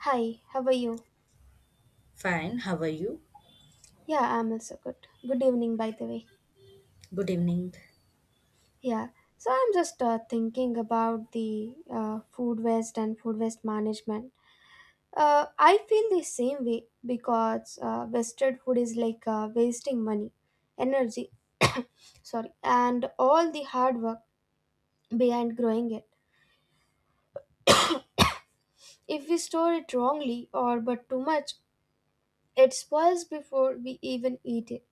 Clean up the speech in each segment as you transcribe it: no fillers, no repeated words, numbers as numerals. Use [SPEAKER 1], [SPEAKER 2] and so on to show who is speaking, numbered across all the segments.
[SPEAKER 1] Hi, how are you?
[SPEAKER 2] Fine, how are you?
[SPEAKER 1] Yeah, I'm also good. Good evening, by the way.
[SPEAKER 2] Good evening.
[SPEAKER 1] Yeah, so I'm just thinking about the food waste and food waste management. I feel the same way because wasted food is like wasting money, energy, sorry, and all the hard work behind growing it. If we store it wrongly or but too much, it spoils before we even eat it.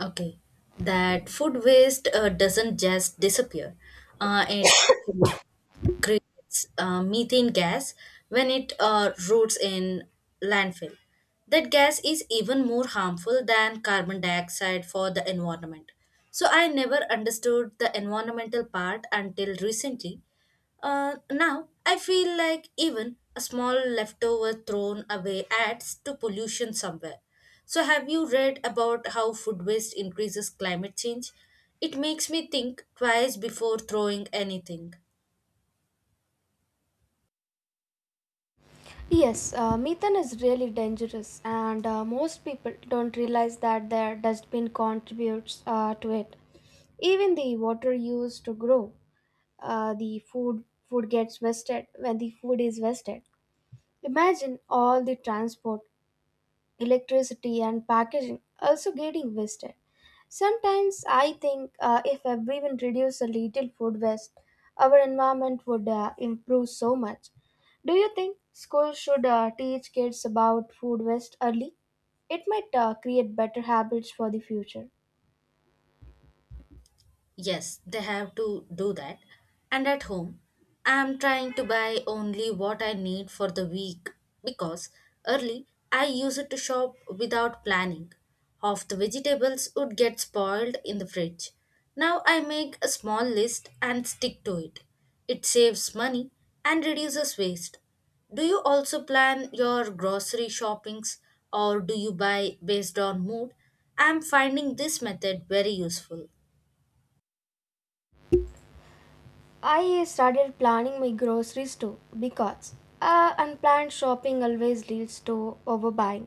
[SPEAKER 2] Okay, that food waste doesn't just disappear. It actually creates methane gas when it roots in landfill. That gas is even more harmful than carbon dioxide for the environment. So I never understood the environmental part until recently. Now I feel like even a small leftover thrown away adds to pollution somewhere. So have you read about how food waste increases climate change? It makes me think twice before throwing anything.
[SPEAKER 1] Yes, methane is really dangerous, and most people don't realize that their dustbin contributes to it. Even the water used to grow, the food gets wasted when the food is wasted. Imagine all the transport, electricity, and packaging also getting wasted. Sometimes I think if everyone reduced a little food waste, our environment would improve so much. Do you think schools should teach kids about food waste early? It might create better habits for the future.
[SPEAKER 2] Yes, they have to do that. And at home, I'm trying to buy only what I need for the week because early I used to shop without planning. Half the vegetables would get spoiled in the fridge. Now I make a small list and stick to it. It saves money and reduces waste. Do you also plan your grocery shoppings or do you buy based on mood? I'm finding this method very useful.
[SPEAKER 1] I started planning my groceries too because unplanned shopping always leads to overbuying.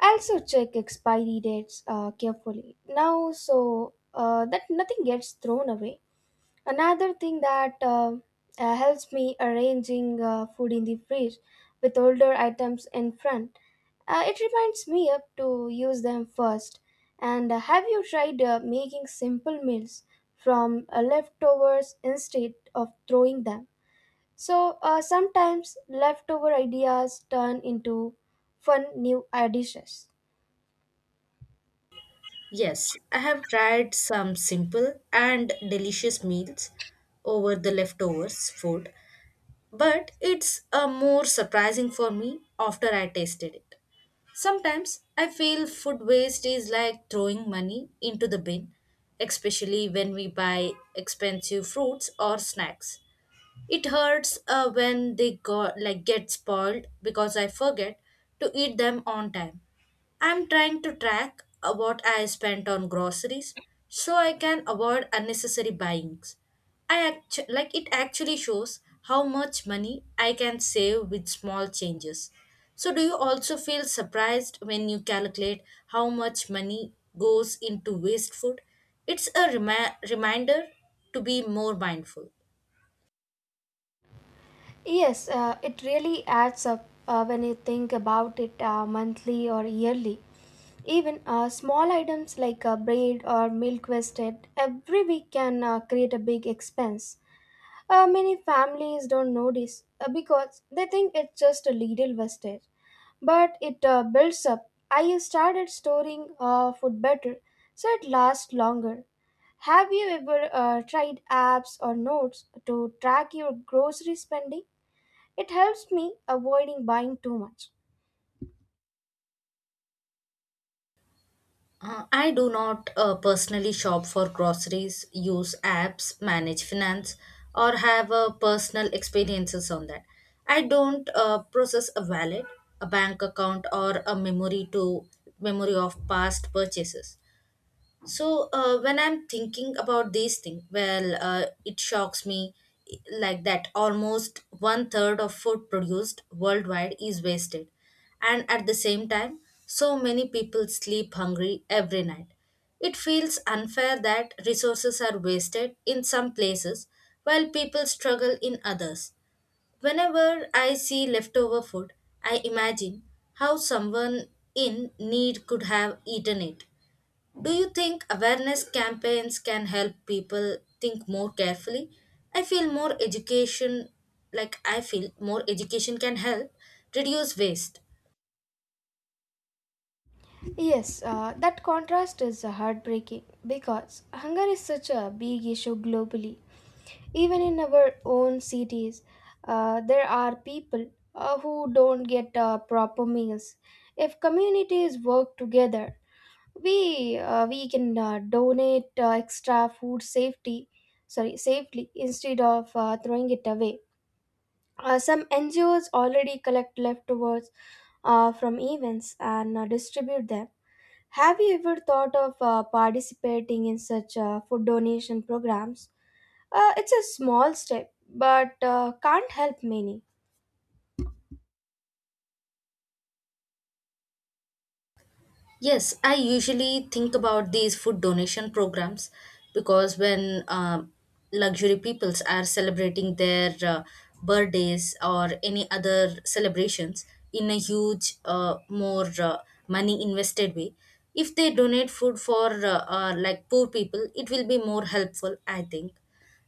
[SPEAKER 1] I also check expiry dates carefully now so that nothing gets thrown away. Another thing that helps me arranging food in the fridge with older items in front, it reminds me up to use them first. And have you tried making simple meals from leftovers instead of throwing them? So sometimes leftover ideas turn into fun new dishes.
[SPEAKER 2] Yes, I have tried some simple and delicious meals over the leftovers food, but it's a more surprising for me after I tasted it. Sometimes I feel food waste is like throwing money into the bin, especially when we buy expensive fruits or snacks. It hurts when they go like get spoiled because I forget to eat them on time. I'm trying to track what I spent on groceries so I can avoid unnecessary buyings. Like it actually shows how much money I can save with small changes. So do you also feel surprised when you calculate how much money goes into waste food? It's a reminder to be more mindful.
[SPEAKER 1] Yes, it really adds up when you think about it monthly or yearly. Even small items like a bread or milk wasted every week can create a big expense. Many families don't notice because they think it's just a little wastage, but it builds up. I started storing food better so it lasts longer. Have you ever tried apps or notes to track your grocery spending? It helps me avoiding buying too much.
[SPEAKER 2] I do not personally shop for groceries, use apps, manage finance, or have personal experiences on that. I don't process a wallet, a bank account, or a memory of past purchases. So when I'm thinking about these things, well, it shocks me like that almost one third of food produced worldwide is wasted, and at the same time, so many people sleep hungry every night. It feels unfair that resources are wasted in some places while people struggle in others. Whenever I see leftover food, I imagine how someone in need could have eaten it. Do you think awareness campaigns can help people think more carefully? I feel more education, Like I feel more education can help reduce waste.
[SPEAKER 1] Yes, that contrast is heartbreaking because hunger is such a big issue globally. Even in our own cities, there are people who don't get proper meals. If communities work together, we can donate extra food safety, sorry, safely instead of throwing it away. Some NGOs already collect leftovers from events and distribute them. Have you ever thought of participating in such food donation programs? It's a small step, but can't help many.
[SPEAKER 2] Yes, I usually think about these food donation programs because when luxury peoples are celebrating their birthdays or any other celebrations in a huge, more money invested way, if they donate food for like poor people, it will be more helpful, I think.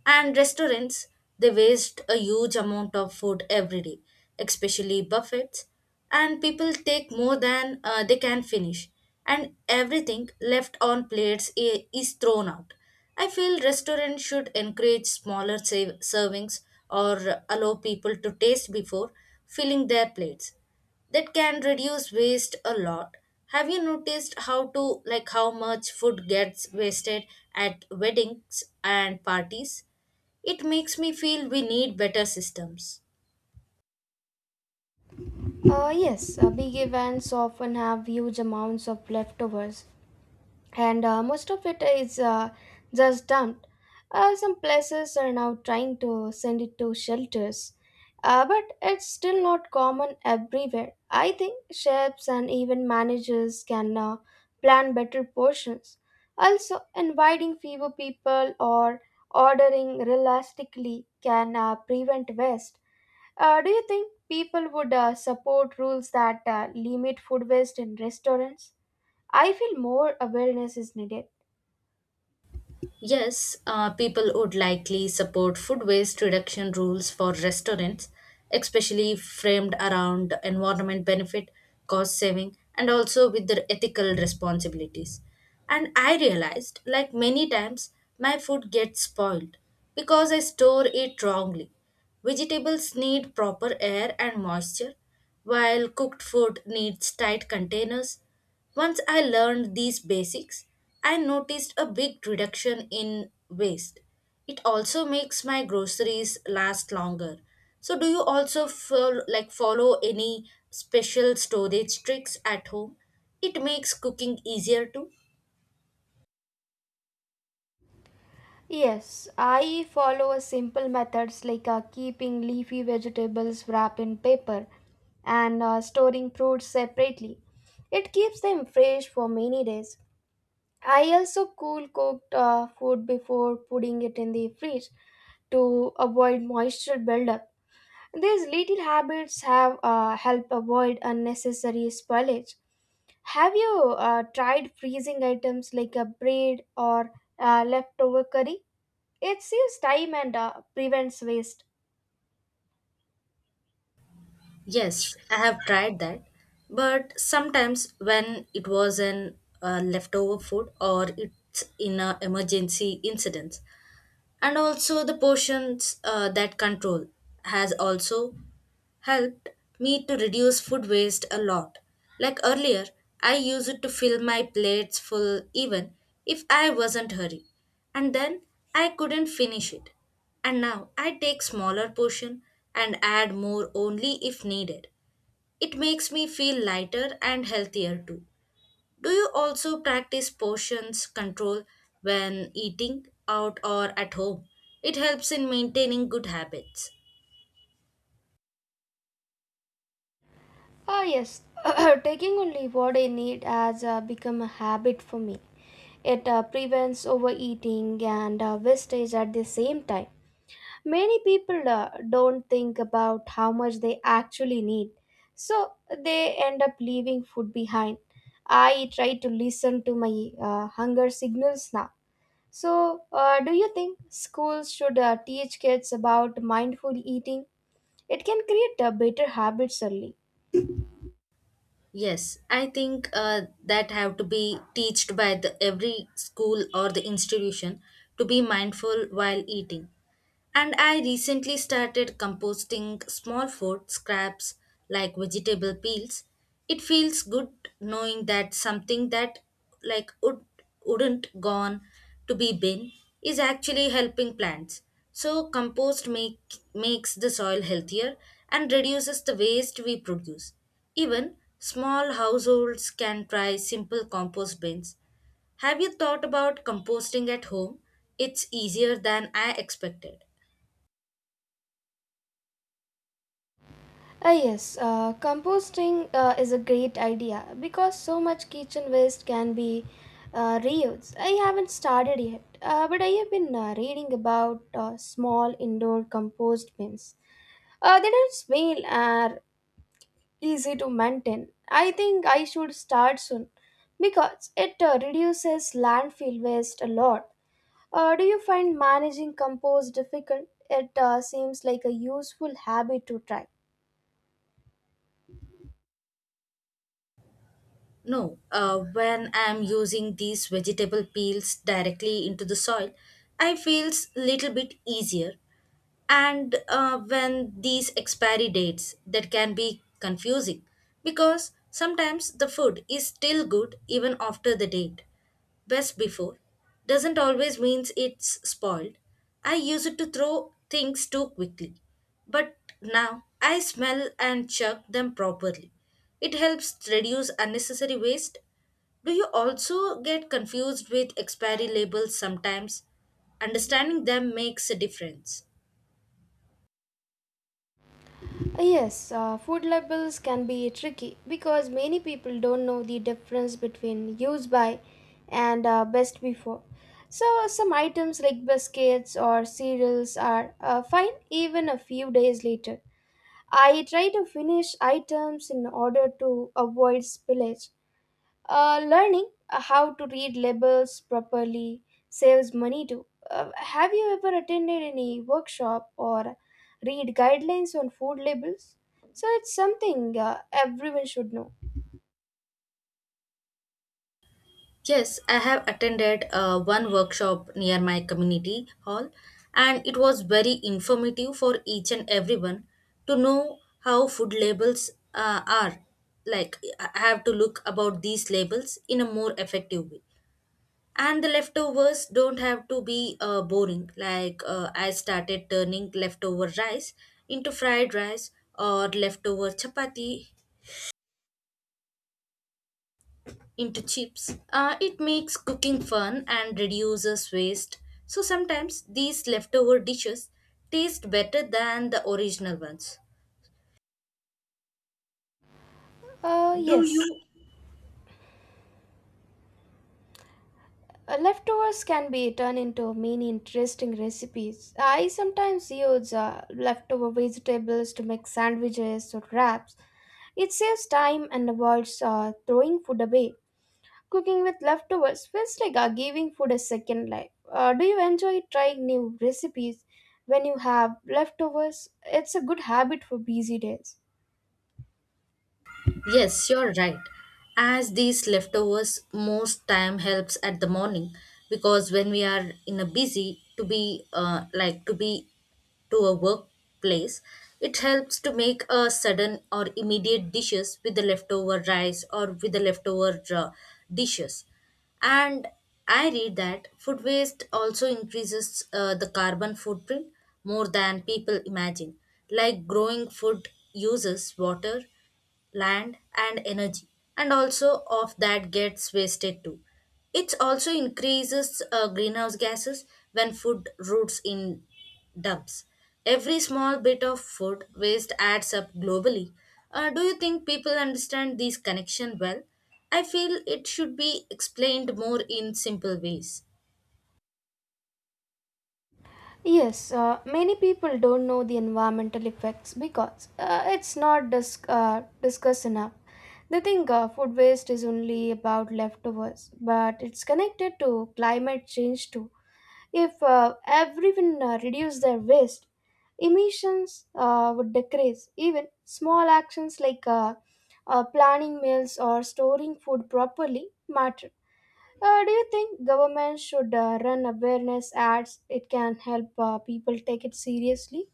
[SPEAKER 2] And restaurants, they waste a huge amount of food every day, especially buffets. And people take more than they can finish, and everything left on plates is thrown out. I feel restaurants should encourage servings or allow people to taste before filling their plates. That can reduce waste a lot. Have you noticed how to like how much food gets wasted at weddings and parties? It makes me feel we need better systems.
[SPEAKER 1] Yes, big events often have huge amounts of leftovers, and most of it is just dumped. Some places are now trying to send it to shelters, but it's still not common everywhere. I think chefs and even managers can plan better portions. Also, inviting fewer people or ordering realistically can prevent waste. Do you think people would support rules that limit food waste in restaurants? I feel more awareness is needed.
[SPEAKER 2] Yes, people would likely support food waste reduction rules for restaurants, especially framed around environment benefit, cost saving, and also with their ethical responsibilities. And I realized, like many times, my food gets spoiled because I store it wrongly. Vegetables need proper air and moisture, while cooked food needs tight containers. Once I learned these basics, I noticed a big reduction in waste. It also makes my groceries last longer. So do you also follow any special storage tricks at home? It makes cooking easier too.
[SPEAKER 1] Yes, I follow a simple methods like keeping leafy vegetables wrapped in paper and storing fruits separately. It keeps them fresh for many days. I also cool cooked food before putting it in the fridge to avoid moisture buildup. These little habits have help avoid unnecessary spoilage. Have you tried freezing items like a bread or leftover curry? It saves time and prevents waste.
[SPEAKER 2] Yes, I have tried that. But sometimes when it was an leftover food or it's in an emergency incident, and also the portions that control has also helped me to reduce food waste a lot. Like earlier I used to fill my plates full even if I wasn't hurry, and then I couldn't finish it. And now I take smaller portion and add more only if needed. It makes me feel lighter and healthier too. Do you also practice portions control when eating out or at home? It helps in maintaining good habits.
[SPEAKER 1] Ah, yes, taking only what I need has become a habit for me. It prevents overeating and wastage at the same time. Many people don't think about how much they actually need, so they end up leaving food behind. I try to listen to my hunger signals now. So, do you think schools should teach kids about mindful eating? It can create better habits early.
[SPEAKER 2] Yes, I think that have to be taught by the every school or the institution to be mindful while eating. And I recently started composting small food scraps like vegetable peels. It feels good knowing that something that like would wouldn't gone to be bin is actually helping plants. So compost make makes the soil healthier and reduces the waste we produce. Even small households can try simple compost bins. Have you thought about composting at home? It's easier than I expected.
[SPEAKER 1] Ah, yes, composting is a great idea because so much kitchen waste can be reused. I haven't started yet, but I have been reading about small indoor compost bins. They don't smell and are easy to maintain. I think I should start soon because it reduces landfill waste a lot. Do you find managing compost difficult? It seems like a useful habit to try.
[SPEAKER 2] No, when I'm using these vegetable peels directly into the soil, I feels little bit easier. And when these expiry dates that can be confusing because sometimes the food is still good even after the date. Best before doesn't always means it's spoiled. I use it to throw things too quickly, but now I smell and chuck them properly. It helps reduce unnecessary waste. Do you also get confused with expiry labels sometimes? Understanding them makes a difference.
[SPEAKER 1] Yes, food labels can be tricky because many people don't know the difference between use by and best before. So, some items like biscuits or cereals are fine even a few days later. I try to finish items in order to avoid spillage, learning how to read labels properly saves money too. Have you ever attended any workshop or read guidelines on food labels? So it's something everyone should know.
[SPEAKER 2] Yes, I have attended one workshop near my community hall, and it was very informative for each and everyone to know how food labels are. Like, I have to look about these labels in a more effective way. And the leftovers don't have to be boring. Like, I started turning leftover rice into fried rice or leftover chapati into chips. It makes cooking fun and reduces waste. So sometimes these leftover dishes taste better than the original ones.
[SPEAKER 1] Uh,
[SPEAKER 2] Do
[SPEAKER 1] yes,
[SPEAKER 2] you?
[SPEAKER 1] leftovers can be turned into many interesting recipes. I sometimes use leftover vegetables to make sandwiches or wraps. It saves time and avoids throwing food away. Cooking with leftovers feels like giving food a second life. Do you enjoy trying new recipes when you have leftovers? It's a good habit for busy days.
[SPEAKER 2] Yes, you're right. As these leftovers most time helps at the morning because when we are in a busy to be to be to a workplace, it helps to make a sudden or immediate dishes with the leftover rice or with the leftover dishes. And I read that food waste also increases the carbon footprint more than people imagine. Like growing food uses water, land and energy, and also of that gets wasted too. It also increases greenhouse gases when food roots in dumps. Every small bit of food waste adds up globally. Do you think people understand this connection well? I feel it should be explained more in simple ways.
[SPEAKER 1] Yes, many people don't know the environmental effects because it's not discussed enough. They think food waste is only about leftovers, but it's connected to climate change too. If everyone reduced their waste, emissions would decrease. Even small actions like planning meals or storing food properly matter. Do you think government should run awareness ads? It can help people take it seriously.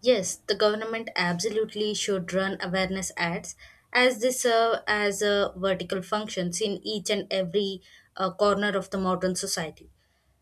[SPEAKER 2] Yes, the government absolutely should run awareness ads as they serve as vertical functions in each and every corner of the modern society.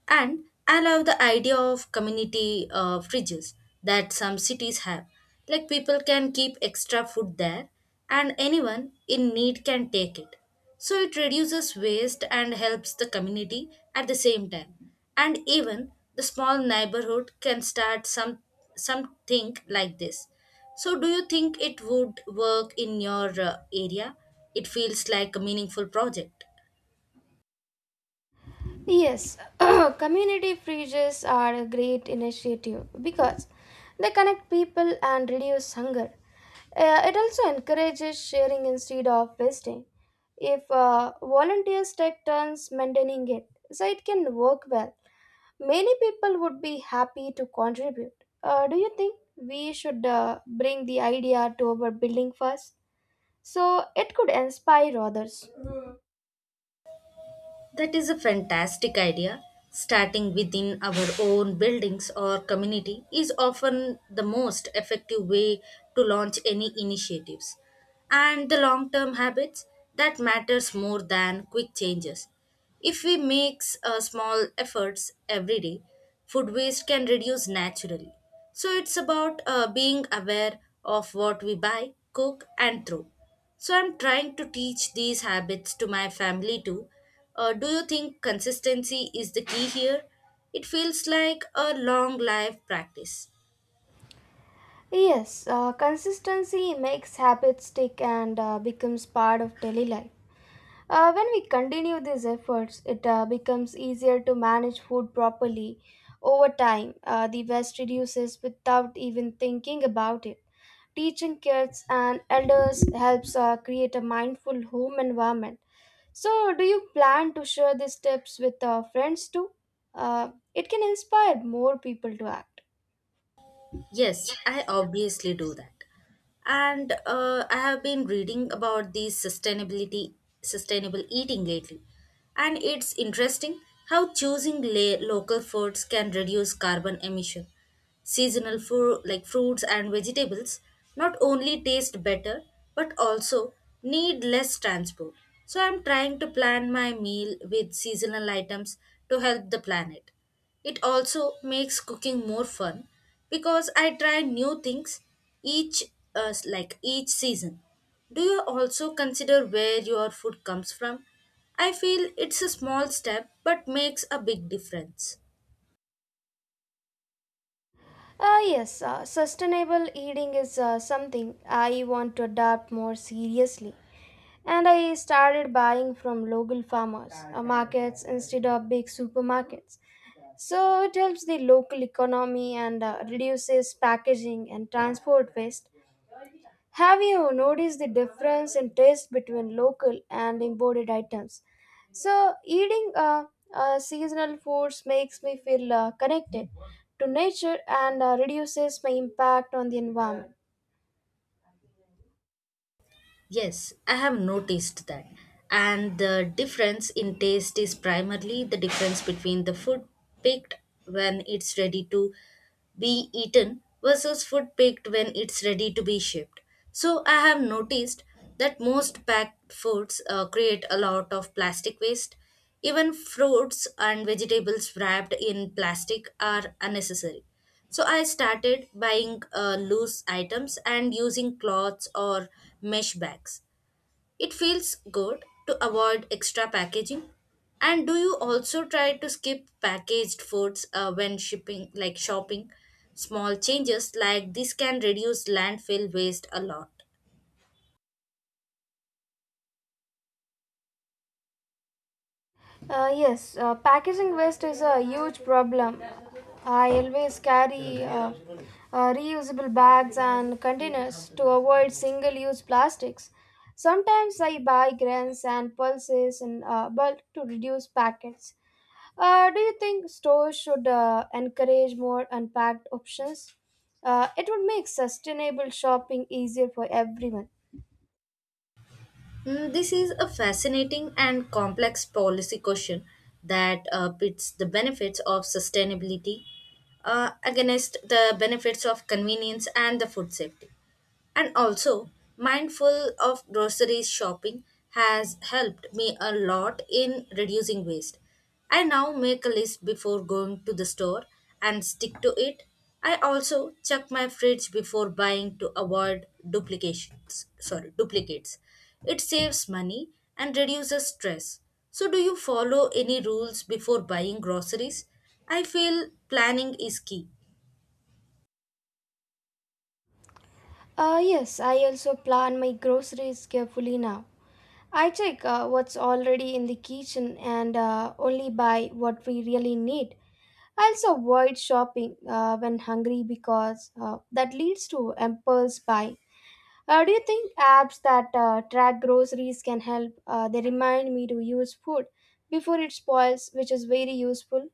[SPEAKER 2] And I love the idea of community fridges that some cities have. Like people can keep extra food there, and anyone in need can take it. So it reduces waste and helps the community at the same time. And even the small neighborhood can start something like this. So do you think it would work in your area? It feels like a meaningful project.
[SPEAKER 1] Yes, community fridges are a great initiative because they connect people and reduce hunger. It also encourages sharing instead of wasting. If volunteers take turns maintaining it, so it can work well. Many people would be happy to contribute. Do you think we should bring the idea to our building first? So it could inspire others.
[SPEAKER 2] That is a fantastic idea. Starting within our own buildings or community is often the most effective way to launch any initiatives. And the long term habits that matters more than quick changes. If we make small efforts every day, food waste can reduce naturally. So it's about being aware of what we buy, cook, and throw. So I'm trying to teach these habits to my family too. Do you think consistency is the key here? It feels like a long life practice.
[SPEAKER 1] Yes, consistency makes habits stick and becomes part of daily life. When we continue these efforts, it becomes easier to manage food properly. Over time, the waste reduces without even thinking about it. Teaching kids and elders helps create a mindful home environment. So, do you plan to share these tips with friends too? It can inspire more people to act.
[SPEAKER 2] Yes, I obviously do that. And I have been reading about sustainable eating lately. And it's interesting how choosing local foods can reduce carbon emission. Seasonal food like fruits and vegetables not only taste better, but also need less transport. So I'm trying to plan my meal with seasonal items to help the planet. It also makes cooking more fun because I try new things each each season. Do you also consider where your food comes from? I feel it's a small step but makes a big difference.
[SPEAKER 1] Yes, sustainable eating is something I want to adopt more seriously. And I started buying from local farmers, markets instead of big supermarkets. So it helps the local economy and reduces packaging and transport waste. Have you noticed the difference in taste between local and imported items? So eating seasonal foods makes me feel connected to nature and reduces my impact on the environment.
[SPEAKER 2] Yes, I have noticed that. And the difference in taste is primarily the difference between the food picked when it's ready to be eaten versus food picked when it's ready to be shipped. So I have noticed that most packed foods create a lot of plastic waste. Even fruits and vegetables wrapped in plastic are unnecessary. So I started buying loose items and using cloths or mesh bags. It feels good to avoid extra packaging. And do you also try to skip packaged foods when shipping, like shopping? Small changes like this can reduce landfill waste a lot.
[SPEAKER 1] Yes, packaging waste is a huge problem. I always carry reusable bags and containers to avoid single use plastics. Sometimes I buy grains and pulses in bulk to reduce packets. Do you think stores should encourage more unpacked options? It would make sustainable shopping easier for everyone.
[SPEAKER 2] Mm, this is a fascinating and complex policy question that pits the benefits of sustainability against the benefits of convenience and the food safety. And also, mindful of grocery shopping has helped me a lot in reducing waste. I now make a list before going to the store and stick to it. I also check my fridge before buying to avoid duplications. Sorry, duplicates. It saves money and reduces stress. So, do you follow any rules before buying groceries? I feel planning is key.
[SPEAKER 1] Yes, I also plan my groceries carefully now. I check what's already in the kitchen and only buy what we really need. I also avoid shopping when hungry because that leads to impulse buy. Do you think apps that track groceries can help? They remind me to use food before it spoils, which is very useful.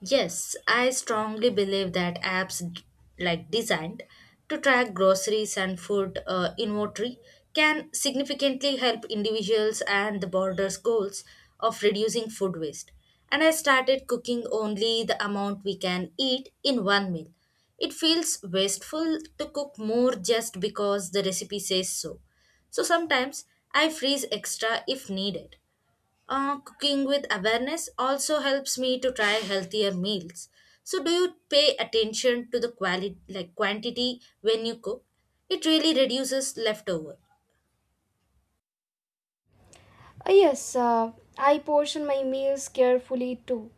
[SPEAKER 2] Yes, I strongly believe that apps designed to track groceries and food inventory can significantly help individuals and the border's goals of reducing food waste. And I started cooking only the amount we can eat in one meal. It feels wasteful to cook more just because the recipe says so. So sometimes I freeze extra if needed. Cooking with awareness also helps me to try healthier meals. So, do you pay attention to the quality, like quantity, when you cook? It really reduces leftover.
[SPEAKER 1] Yes, I portion my meals carefully too.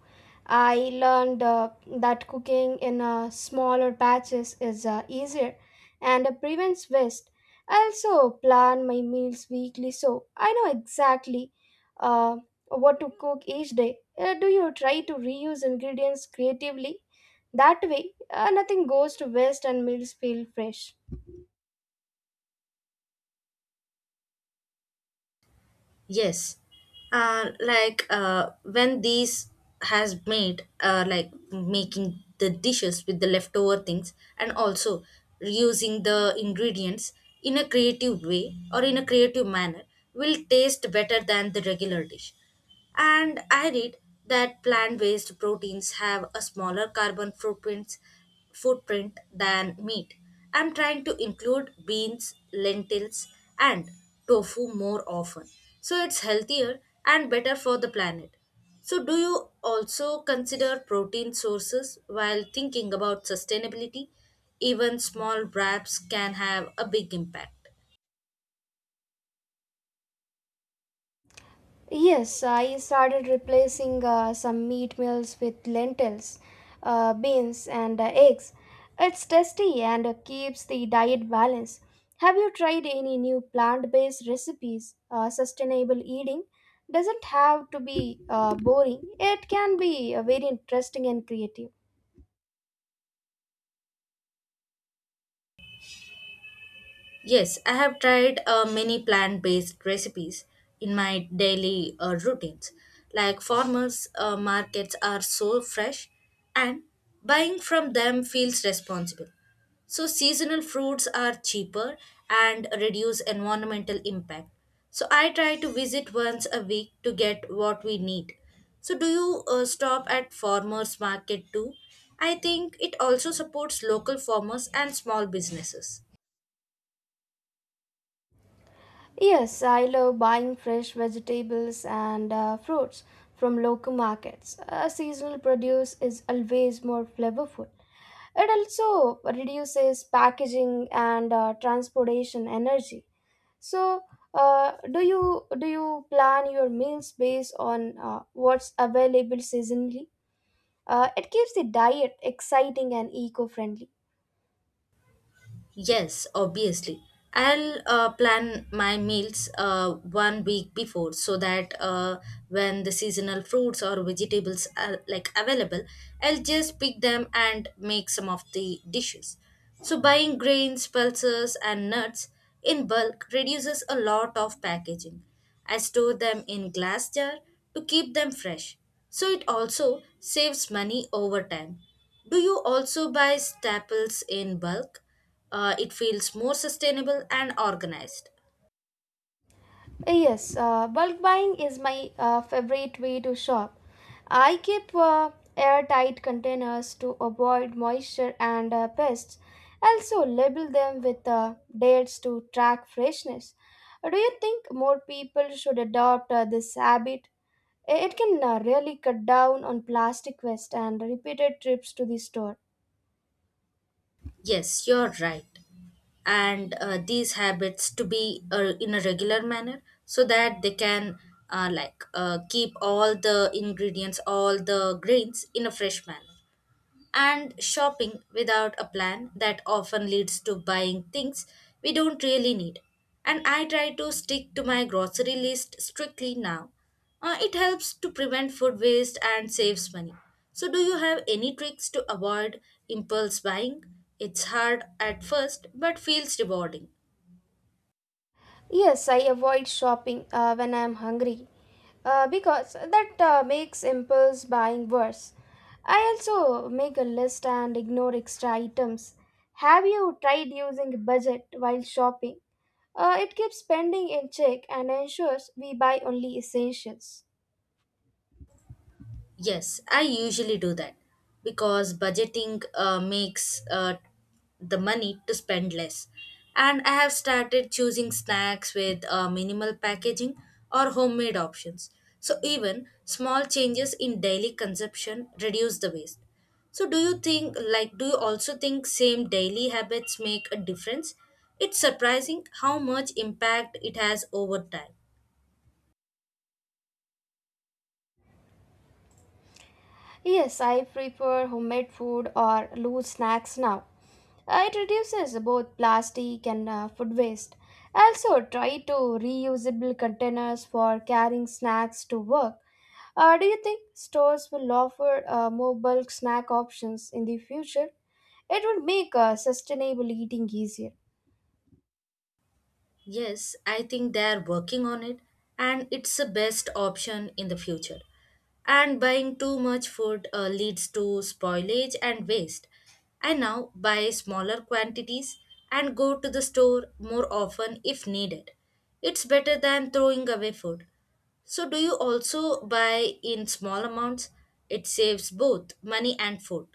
[SPEAKER 1] I learned that cooking in smaller batches is easier and prevents waste. I also plan my meals weekly so I know exactly uh, what to cook each day. Do you try to reuse ingredients creatively? That way, nothing goes to waste and meals feel fresh.
[SPEAKER 2] Yes, like when these has made like making the dishes with the leftover things, and also reusing the ingredients in a creative way or in a creative manner will taste better than the regular dish. And I read that plant based proteins have a smaller carbon footprint, footprint than meat. I'm trying to include beans, lentils, and tofu more often. So it's healthier and better for the planet. So, do you also consider protein sources while thinking about sustainability? Even small wraps can have a big impact.
[SPEAKER 1] Yes, I started replacing some meat meals with lentils, beans, and eggs. It's tasty and keeps the diet balanced. Have you tried any new plant based recipes? Sustainable eating doesn't have to be boring, it can be very interesting and creative.
[SPEAKER 2] Yes, I have tried many plant based recipes in my daily routines. Like farmers' markets are so fresh, and buying from them feels responsible. So, seasonal fruits are cheaper and reduce environmental impact. So, I try to visit once a week to get what we need. So, do you stop at farmers' market too? I think it also supports local farmers and small businesses.
[SPEAKER 1] Yes, I love buying fresh vegetables and fruits from local markets. Seasonal produce is always more flavorful. It also reduces packaging and transportation energy. So, do you plan your meals based on what's available seasonally? It keeps the diet exciting and eco-friendly.
[SPEAKER 2] Yes, obviously. I'll plan my meals one week before so that when the seasonal fruits or vegetables are like available, I'll just pick them and make some of the dishes. So buying grains, pulses, and nuts in bulk reduces a lot of packaging. I store them in glass jar to keep them fresh. So it also saves money over time. Do you also buy staples in bulk? It feels more sustainable and organized.
[SPEAKER 1] Yes, bulk buying is my favorite way to shop. I keep airtight containers to avoid moisture and pests. Also, label them with dates to track freshness. Do you think more people should adopt this habit? It can really cut down on plastic waste and repeated trips to the store.
[SPEAKER 2] Yes, you're right. And these habits to be in a regular manner so that they can keep all the ingredients, all the grains in a fresh manner. And shopping without a plan that often leads to buying things we don't really need. And I try to stick to my grocery list strictly now. It helps to prevent food waste and saves money. So, do you have any tricks to avoid impulse buying? It's hard at first but feels rewarding.
[SPEAKER 1] Yes, I avoid shopping when I am hungry. Because that makes impulse buying worse. I also make a list and ignore extra items. Have you tried using a budget while shopping? It keeps spending in check and ensures we buy only essentials.
[SPEAKER 2] Yes, I usually do that because budgeting makes the money to spend less. And I have started choosing snacks with minimal packaging or homemade options. So, even small changes in daily consumption reduce the waste. So, do you think, like, do you also think same daily habits make a difference? It's surprising how much impact it has over time.
[SPEAKER 1] Yes, I prefer homemade food or loose snacks now. It reduces both plastic and food waste. I also try to reusable containers for carrying snacks to work. Do you think stores will offer more bulk snack options in the future? It would make sustainable eating easier.
[SPEAKER 2] Yes, I think they are working on it and it's the best option in the future. And buying too much food leads to spoilage and waste. I now buy smaller quantities and go to the store more often if needed. It's better than throwing away food. So, do you also buy in small amounts? It saves both money and food.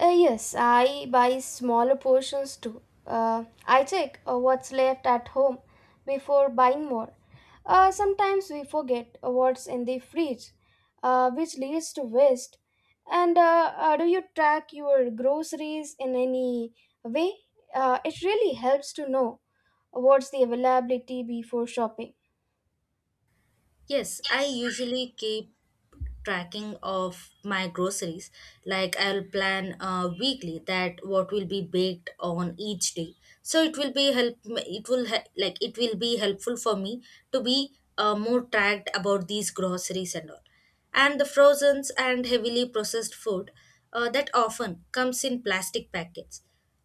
[SPEAKER 1] Yes, I buy smaller portions too. I check what's left at home before buying more. Sometimes we forget what's in the fridge, which leads to waste. And do you track your groceries in any way? It really helps to know what's the availability before shopping.
[SPEAKER 2] Yes, I usually keep tracking of my groceries, like I'll plan weekly that what will be baked on each day, so it will be help it will he- like it will be helpful for me to be more tracked about these groceries and all, and the frozens and heavily processed food that often comes in plastic packets,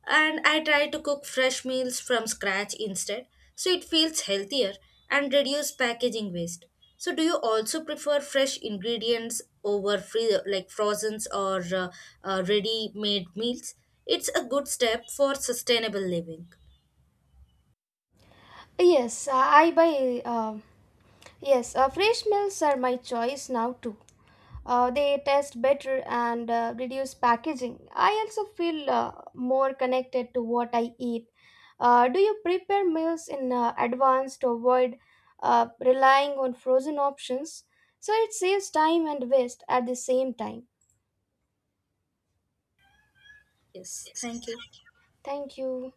[SPEAKER 2] and I try to cook fresh meals from scratch instead, so it feels healthier and reduce packaging waste. So, do you also prefer fresh ingredients over free like frozen or ready-made meals? It's a good step for sustainable living.
[SPEAKER 1] Yes, I buy. Yes, fresh meals are my choice now too. They taste better and reduce packaging. I also feel more connected to what I eat. Do you prepare meals in advance to avoid relying on frozen options, so it saves time and waste at the same time.
[SPEAKER 2] Yes, thank you.
[SPEAKER 1] Thank you.